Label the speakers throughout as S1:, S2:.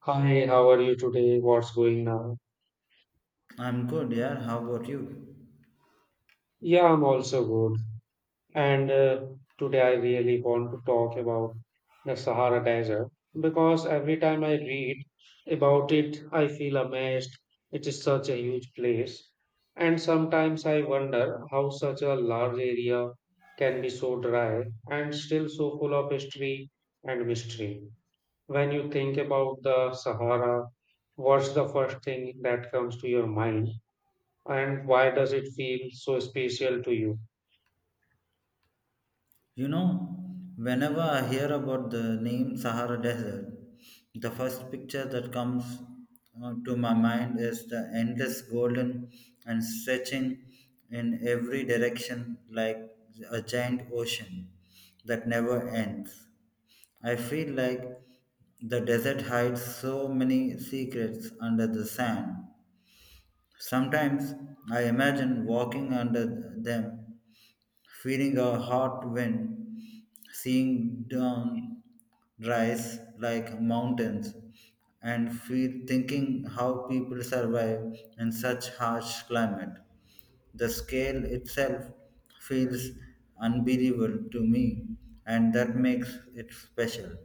S1: Hi, how are you today? What's going now?
S2: I'm good, yeah. How about you?
S1: Yeah, I'm also good. And Today I really want to talk about the Sahara Desert because every time I read about it, I feel amazed. It is such a huge place. And sometimes I wonder how such a large area can be so dry and still so full of history and mystery. When you think about the Sahara, what's the first thing that comes to your mind? And why does it feel so special to you?
S2: You know, whenever I hear about the name Sahara Desert, the first picture that comes to my mind is the endless golden and stretching in every direction like a giant ocean that never ends. I feel like the desert hides so many secrets under the sand. Sometimes I imagine walking under them feeling a hot wind, seeing dawn rise like mountains, and feel thinking how people survive in such harsh climate. The scale itself feels unbelievable to me, and that makes it special.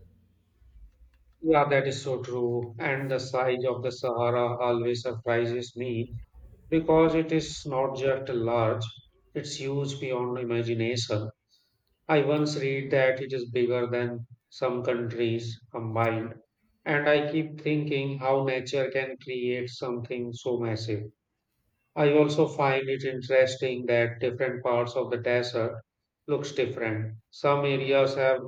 S1: Yeah, that is so true. And the size of the Sahara always surprises me because it is not just large, it's huge beyond imagination. I once read that it is bigger than some countries combined, and I keep thinking how nature can create something so massive. I also find it interesting that different parts of the desert looks different. Some areas have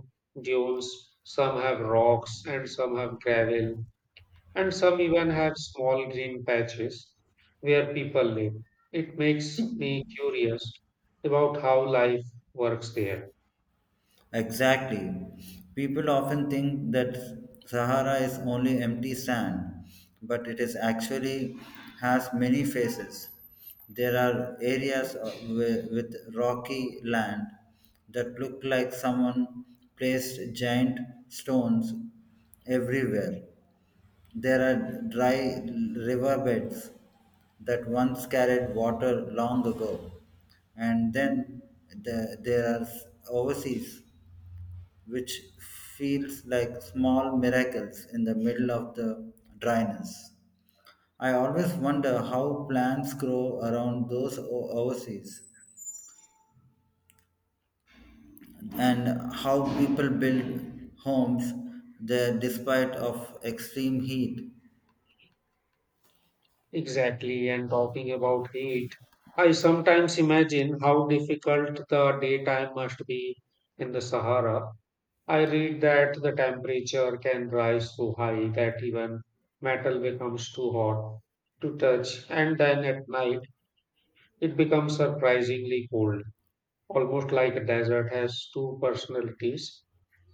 S1: dunes, some have rocks, and some have gravel, and some even have small green patches where people live. It makes me curious about how life works there.
S2: Exactly. People often think that Sahara is only empty sand, but it is actually has many faces. There are areas with rocky land that look like someone placed giant stones everywhere. There are dry riverbeds that once carried water long ago. And then there are overseas which feels like small miracles in the middle of the dryness. I always wonder how plants grow around those oases and how people build homes there despite of extreme heat.
S1: Exactly, and talking about heat, I sometimes imagine how difficult the daytime must be in the Sahara. I read that the temperature can rise so high that even metal becomes too hot to touch, and then at night it becomes surprisingly cold, almost like a desert has two personalities.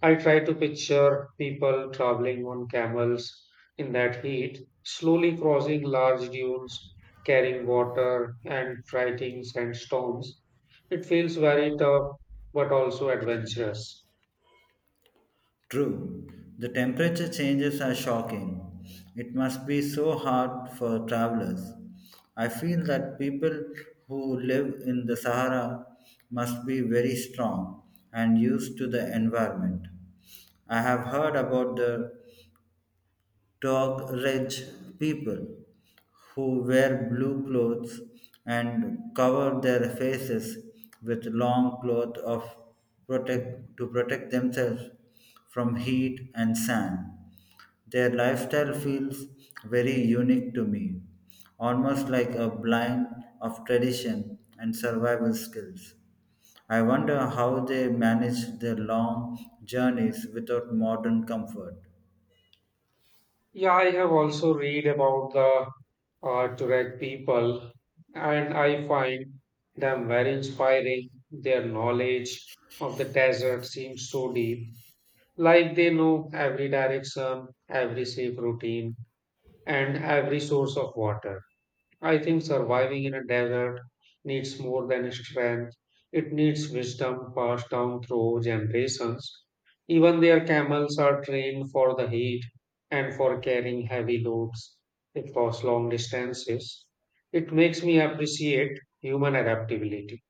S1: I try to picture people traveling on camels in that heat, slowly crossing large dunes, carrying water, and fighting sandstorms. It feels very tough but also adventurous.
S2: True, the temperature changes are shocking. It must be so hard for travelers. I feel that people who live in the Sahara must be very strong and used to the environment. I have heard about the Tog Reg people who wear blue clothes and cover their faces with long cloth of protect to protect themselves from heat and sun. Their lifestyle feels very unique to me, almost like a blend of tradition and survival skills. I wonder how they manage their long journeys without modern comfort.
S1: Yeah, I have also read about the Tuareg people, and I find them very inspiring. Their knowledge of the desert seems so deep, like they know every direction, every safe routine, and every source of water. I think surviving in a desert needs more than strength. It needs wisdom passed down through generations. Even their camels are trained for the heat and for carrying heavy loads across long distances. It makes me appreciate human adaptability.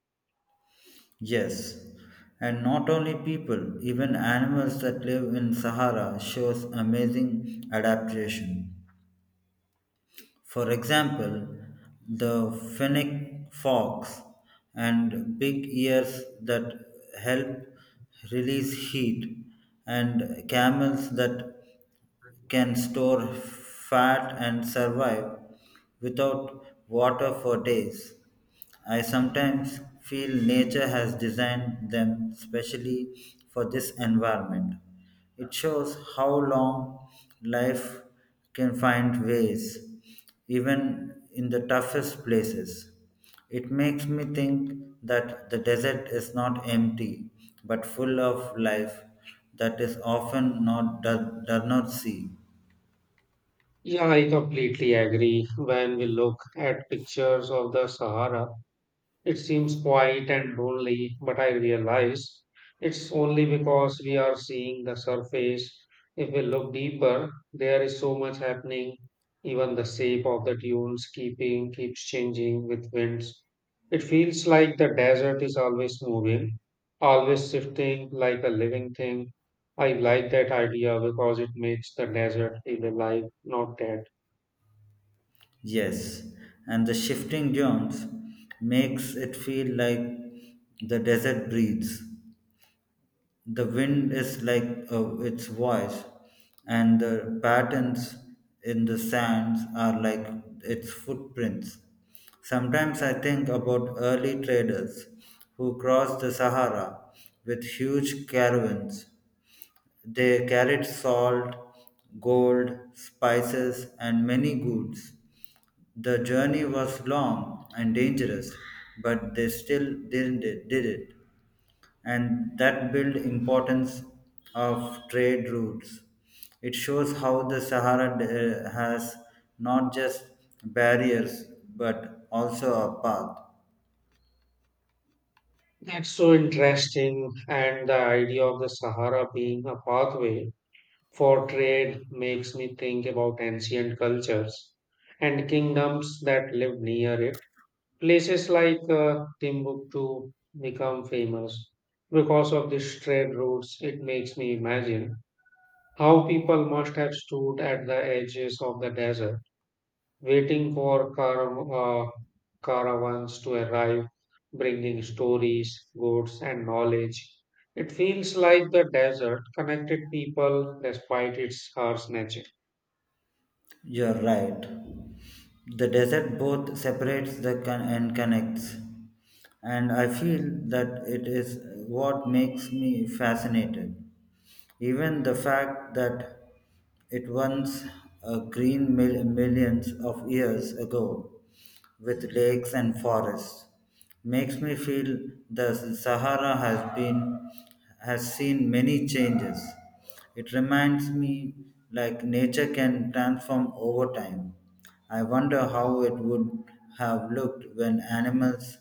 S2: Yes, and not only people, even animals that live in Sahara shows amazing adaptation. For example, the fennec fox and big ears that help release heat and camels that can store fat and survive without water for days. I sometimes feel nature has designed them specially for this environment. It shows how long life can find ways, even in the toughest places. It makes me think that the desert is not empty, but full of life that is often not does, does not see.
S1: Yeah, I completely agree. When we look at pictures of the Sahara, it seems quiet and lonely, but I realize it's only because we are seeing the surface. If we look deeper, there is so much happening. Even the shape of the dunes keeping keeps changing with winds. It feels like the desert is always moving, always shifting like a living thing. I like that idea because it makes the desert feel alive, not dead.
S2: Yes, and the shifting dunes makes it feel like the desert breathes. The wind is like its voice, and the patterns in the sands are like its footprints. Sometimes I think about early traders who crossed the Sahara with huge caravans. They carried salt, gold, spices, and many goods the journey was long and dangerous, but they still did it. And that built importance of trade routes. It shows how the Sahara has not just barriers but also a path.
S1: That's so interesting, and the idea of the Sahara being a pathway for trade makes me think about ancient cultures and kingdoms that lived near it. Places like Timbuktu become famous because of these trade routes. It makes me imagine how people must have stood at the edges of the desert, waiting for uh, caravans to arrive, bringing stories, goods, and knowledge. It feels like the desert connected people despite its harsh nature.
S2: You're right. The desert both separates the and connects. And I feel that it is what makes me fascinated. Even the fact that it once green millions of years ago with lakes and forests. Makes me feel the Sahara has seen many changes. It reminds me like nature can transform over time. I wonder how it would have looked when animals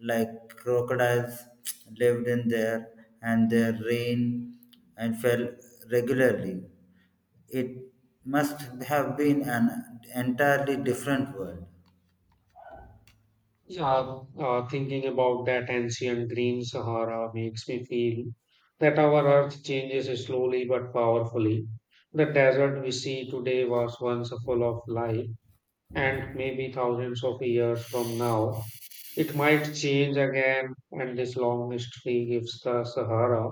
S2: like crocodiles lived in there and their rain and fell regularly. It must have been an entirely different world.
S1: Yeah, thinking about that ancient green Sahara makes me feel that our earth changes slowly but powerfully. The desert we see today was once full of life, and maybe thousands of years from now, it might change again, and this long mystery gives the Sahara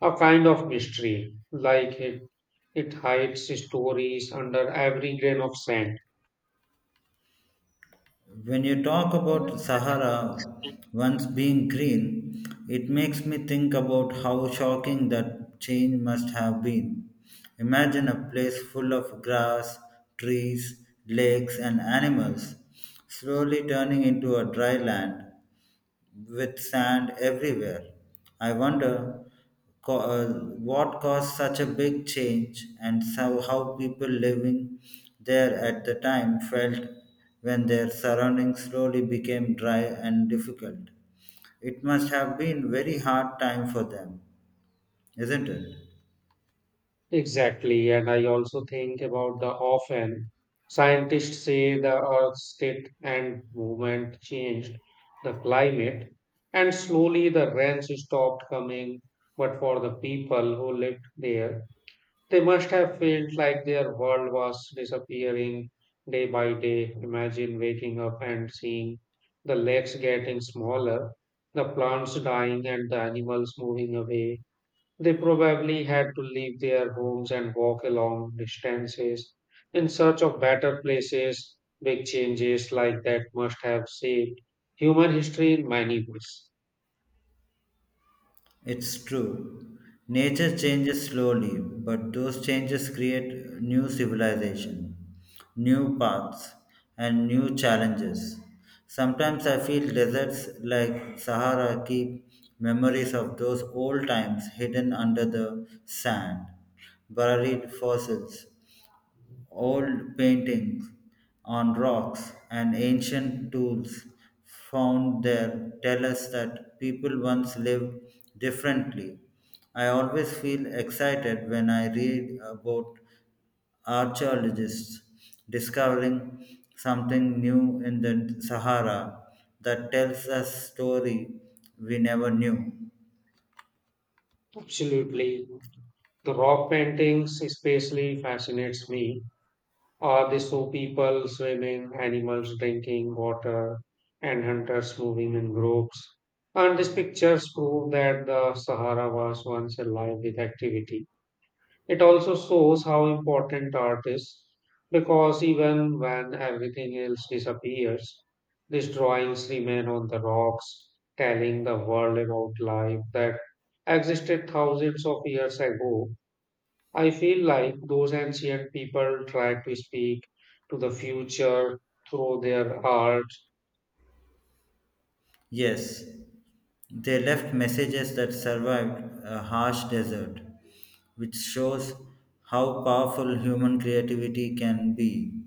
S1: a kind of mystery, like it hides stories under every grain of sand.
S2: When you talk about Sahara once being green, it makes me think about how shocking that change must have been. Imagine a place full of grass, trees, lakes, and animals, slowly turning into a dry land with sand everywhere. I wonder co- uh, what caused such a big change and so how people living there at the time felt when their surroundings slowly became dry and difficult. It must have been very hard time for them, isn't it?
S1: Exactly, and I also think about the often scientists say the Earth's state and movement changed the climate, and slowly the rains stopped coming. But for the people who lived there, they must have felt like their world was disappearing day by day. Imagine waking up and seeing the lakes getting smaller, the plants dying, and the animals moving away. They probably had to leave their homes and walk long distances in search of better places. Big changes like that must have saved human history in many ways.
S2: It's true. Nature changes slowly, but those changes create new civilization, new paths, and new challenges. Sometimes I feel deserts like Sahara keep memories of those old times hidden under the sand, buried fossils, old paintings on rocks and ancient tools found there tell us that people once lived differently. I always feel excited when I read about archaeologists discovering something new in the Sahara that tells us story we never knew.
S1: Absolutely. The rock paintings especially fascinates me. They show people swimming, animals drinking water, and hunters moving in groups. And these pictures prove that the Sahara was once alive with activity. It also shows how important art is because even when everything else disappears, these drawings remain on the rocks, telling the world about life that existed thousands of years ago. I feel like those ancient people tried to speak to the future through their art.
S2: Yes, they left messages that survived a harsh desert, which shows how powerful human creativity can be.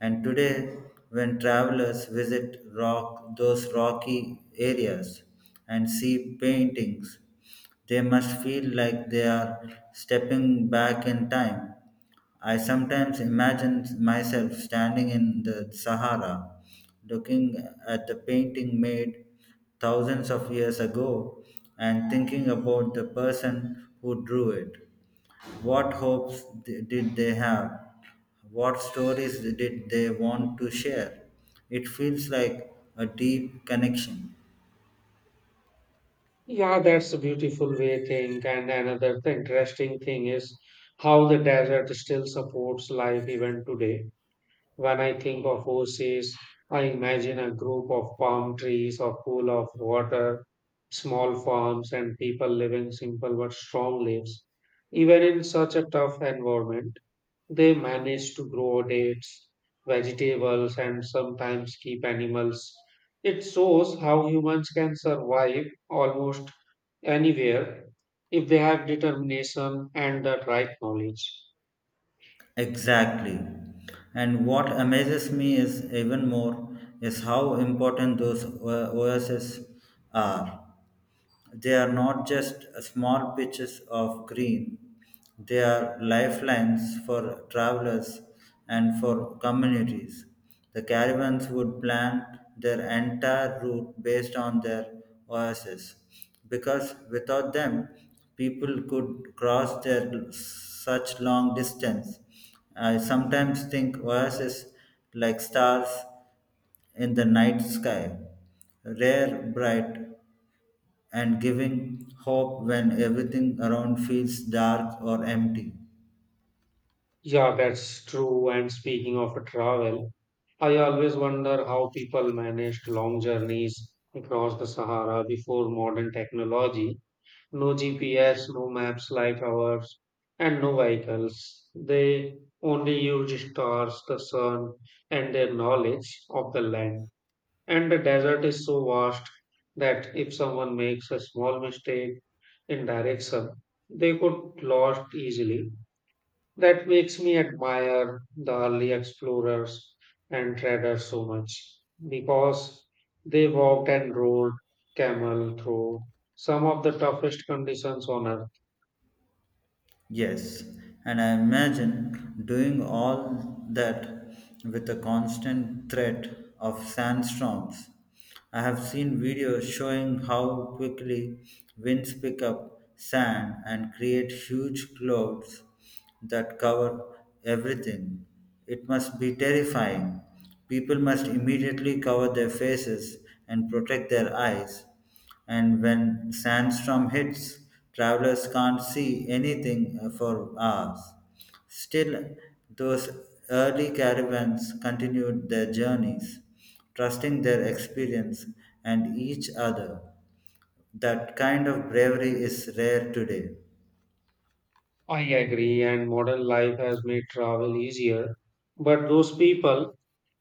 S2: And today, when travelers those rocky areas and see paintings they must feel like they are stepping back in time. I sometimes imagine myself standing in the Sahara, looking at the painting made thousands of years ago and thinking about the person who drew it. What hopes did they have? What stories did they want to share? It feels like a deep connection.
S1: Yeah, that's a beautiful way to think. And another interesting thing is how the desert still supports life even today. When I think of oases, I imagine a group of palm trees, a pool of water, small farms, and people living simple but strong lives. Even in such a tough environment, they manage to grow dates, vegetables, and sometimes keep animals. It shows how humans can survive almost anywhere if they have determination and the right knowledge.
S2: Exactly. And what amazes me is even more is how important those O- OSs are. They are not just small patches of green, they are lifelines for travelers and for communities. The caravans would plan their entire route based on their oases because without them, people could cross their such long distance. I sometimes think oases like stars in the night sky, rare, bright, and giving hope when everything around feels dark or empty.
S1: Yeah, that's true. And speaking of travel, I always wonder how people managed long journeys across the Sahara before modern technology. No GPS, no maps like ours, and no vehicles. They only used stars, the sun, and their knowledge of the land. And the desert is so vast that if someone makes a small mistake in direction, they could lost easily. That makes me admire the early explorers and traders so much because they walked and rode camel through some of the toughest conditions on earth.
S2: Yes, and I imagine doing all that with a constant threat of sandstorms. I have seen videos showing how quickly winds pick up sand and create huge clouds that cover everything. It must be terrifying. People must immediately cover their faces and protect their eyes and when sandstorm hits, travelers can't see anything for hours. Still, those early caravans continued their journeys, trusting their experience and each other. That kind of bravery is rare today.
S1: I agree, and modern life has made travel easier, but those people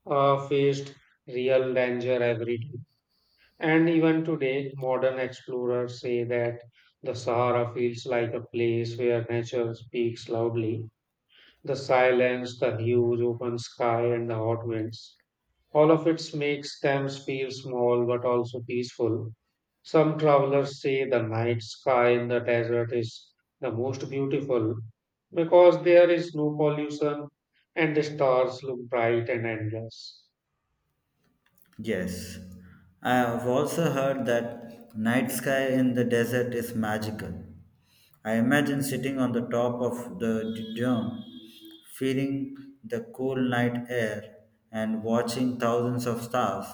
S1: faced real danger every day. And even today, modern explorers say that the Sahara feels like a place where nature speaks loudly. The silence, the huge open sky, and the hot winds. All of it makes them feel small but also peaceful. Some travelers say the night sky in the desert is the most beautiful because there is no pollution and the stars look bright and endless.
S2: Yes, I have also heard that night sky in the desert is magical. I imagine sitting on the top of the dome, feeling the cool night air and watching thousands of stars.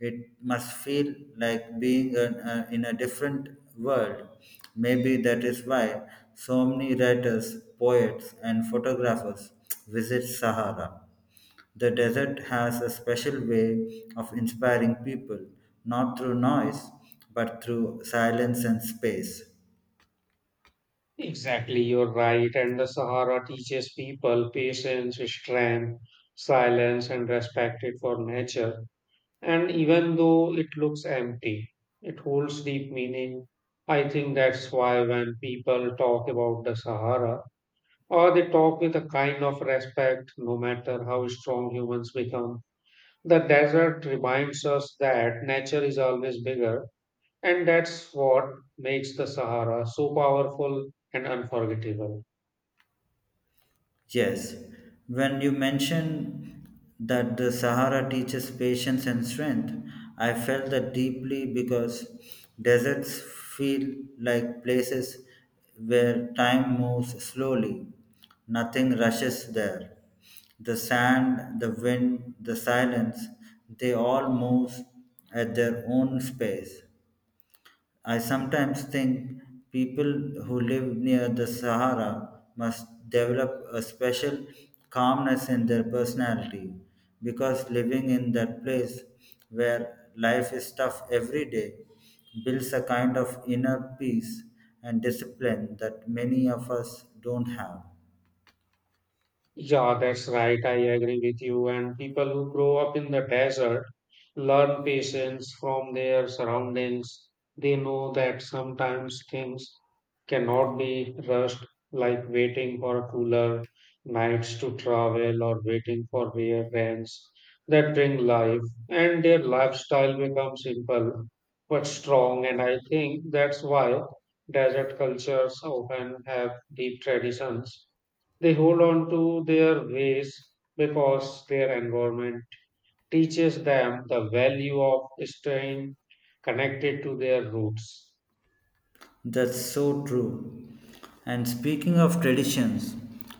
S2: It must feel like being in a different world. Maybe that is why so many writers, poets, and photographers visit Sahara. The desert has a special way of inspiring people, not through noise, but through silence and space.
S1: Exactly, you're right. And the Sahara teaches people patience, strength, silence, and respect it for nature. And even though it looks empty, it holds deep meaning. I think that's why when people talk about the Sahara, or they talk with a kind of respect, no matter how strong humans become, the desert reminds us that nature is always bigger, and that's what makes the Sahara so powerful and unforgettable.
S2: Yes, when you mentioned that the Sahara teaches patience and strength, I felt that deeply because deserts feel like places where time moves slowly, nothing rushes there. The sand, the wind, the silence, they all move at their own space I sometimes think people who live near the Sahara must develop a special calmness in their personality because living in that place where life is tough every day builds a kind of inner peace and discipline that many of us don't have.
S1: Yeah, that's right. I agree with you. And people who grow up in the desert learn patience from their surroundings. They know that sometimes things cannot be rushed, like waiting for cooler nights to travel or waiting for rare rains that bring life. And their lifestyle becomes simple but strong. And I think that's why desert cultures often have deep traditions. They hold on to their ways because their environment teaches them the value of staying connected to their roots.
S2: That's so true. And speaking of traditions,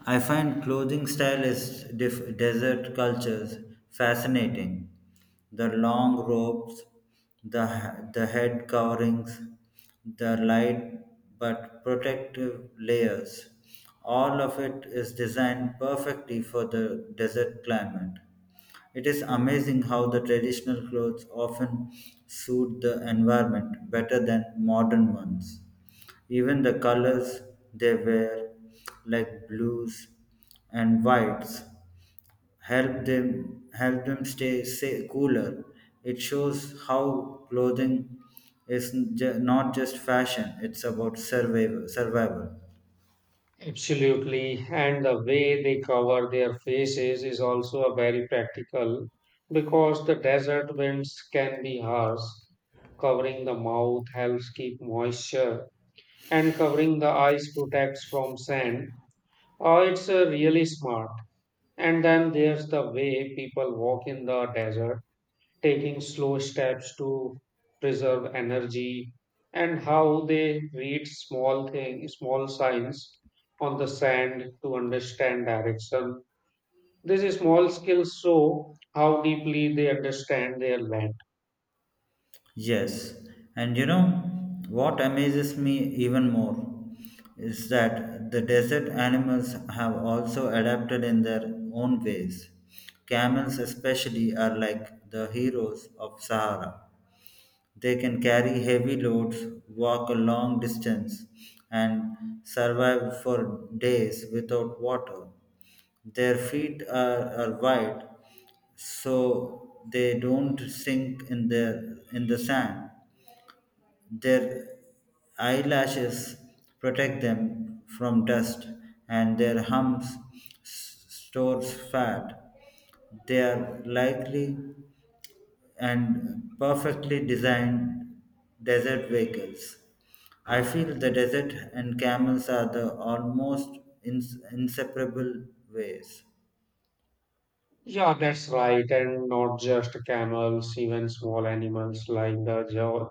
S2: I find clothing style is desert cultures fascinating. The long robes, the, the head coverings, the light but protective layers, all of it is designed perfectly for the desert climate. It is amazing how the traditional clothes often suit the environment better than modern ones. Even the colors they wear, like blues and whites, help them cooler. It shows how clothing is not just fashion; it's about survival. Survival.
S1: Absolutely. And the way they cover their faces is also a very practical because the desert winds can be harsh. Covering the mouth helps keep moisture and covering the eyes protects from sand. Oh, it's really smart. And then there's the way people walk in the desert, taking slow steps to preserve energy, and how they read small signs on the sand to understand direction. These small skills show how deeply they understand their land.
S2: Yes, and you know what amazes me even more is that the desert animals have also adapted in their own ways. Camels, especially, are like the heroes of Sahara. They can carry heavy loads, walk a long distance, and survive for days without water. Their are wide, so they don't sink in their in the sand their eyelashes protect them from dust, and their humps stores fat. They are likely and perfectly designed desert vehicles. I feel the desert and camels are the almost inseparable ways.
S1: Yeah, that's right, and not just camels, even small animals like the jaw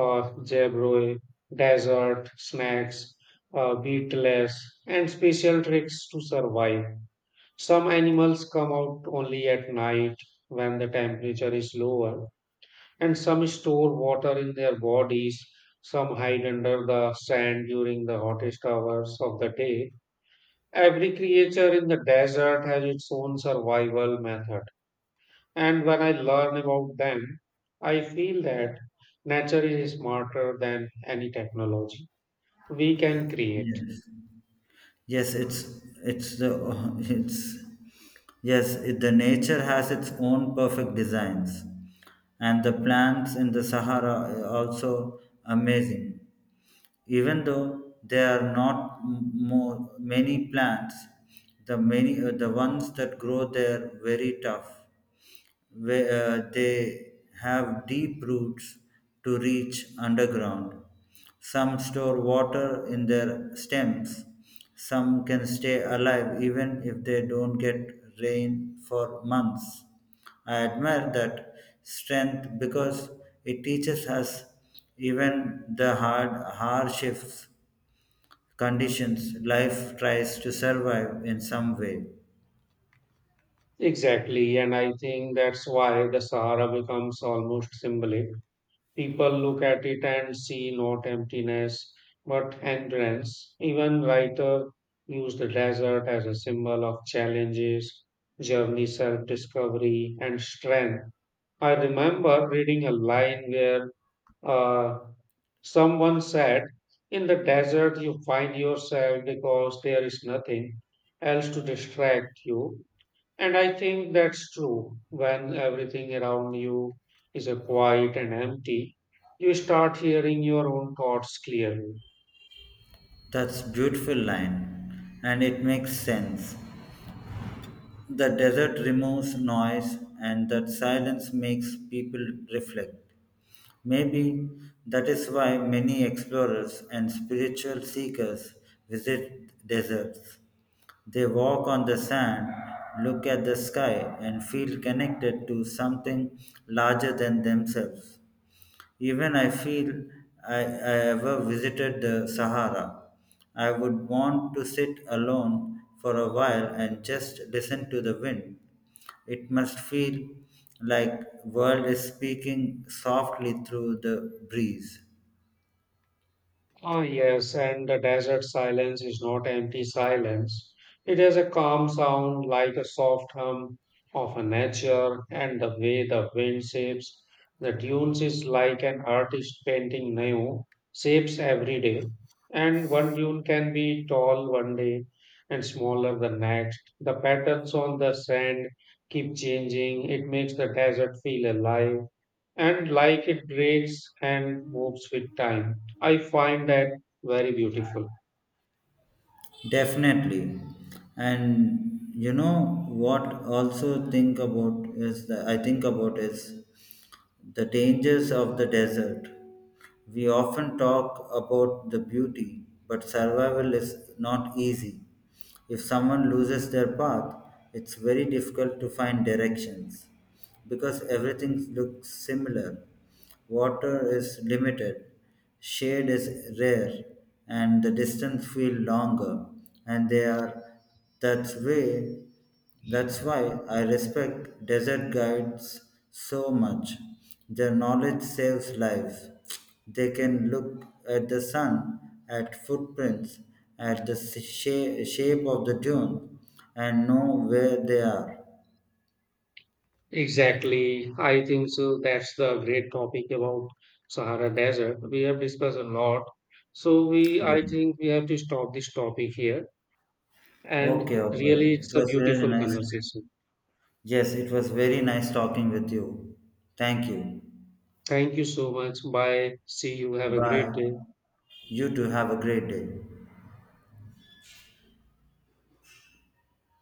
S1: uh, jaybird, desert snakes, beetles, and special tricks to survive. Some animals come out only at night when the temperature is lower, and some store water in their bodies. Some hide under the sand during the hottest hours of the day. Every creature in the desert has its own survival method. And when I learn about them, I feel that nature is smarter than any technology we can create.
S2: Yes. Yes, it's the the nature has its own perfect designs, and the plants in the Sahara are also amazing. Even though there are not m- more many plants, the ones that grow there very tough where they have deep roots to reach underground. Some store water in their stems. Some can stay alive even if they don't get rain for months. I admire that strength because it teaches us even the hard harshest conditions life tries to survive in some way.
S1: Exactly. And I think that's why the Sahara becomes almost symbolic. People look at it and see not emptiness but endurance. Even writers use the desert as a symbol of challenges, journey, self discovery, and strength. I remember reading a line where uh, someone said, "In the desert, you find yourself because there is nothing else to distract you." And I think that's true. When everything around you is a quiet and empty, you start hearing your own thoughts clearly.
S2: That's beautiful line and it makes sense. The desert removes noise and that silence makes people reflect. Maybe that is why many explorers and spiritual seekers visit deserts. They walk on the sand, look at the sky, and feel connected to something larger than themselves. Even I feel I ever visited the Sahara. I would want to sit alone for a while and just listen to the wind. It must feel like world is speaking softly through the breeze.
S1: Ah, yes, and the desert silence is not empty silence. It has a calm sound like a soft hum of a nature, and the way the wind shapes the dunes is like an artist painting new shapes every day. And one dune can be tall one day and smaller the next. The patterns on the sand keep changing. It makes the desert feel alive and like it breaks and moves with time. I find that very beautiful.
S2: Definitely. And you know what also think about is the I think about is the dangers of the desert. We often talk about the beauty, but survival is not easy. If someone loses their path, it's very difficult to find directions because everything looks similar. Water is limited, shade is rare, and the distance feel longer. And they are that way that's why I respect desert guides so much. Their knowledge saves lives. They can look at the sun, at footprints, at the shape of the dune, and know where they are.
S1: Exactly. I think so. That's the great topic about Sahara Desert. We have discussed a lot. So we I
S2: Yes.
S1: think we have to stop this topic here. And
S2: Okay, okay.
S1: really
S2: It
S1: it's a
S2: was really
S1: beautiful
S2: nice.
S1: conversation.
S2: Yes, it was very nice talking with you. Thank you.
S1: Thank you so much. Bye. See you. Have a great
S2: Bye.
S1: day.
S2: You too have a great day.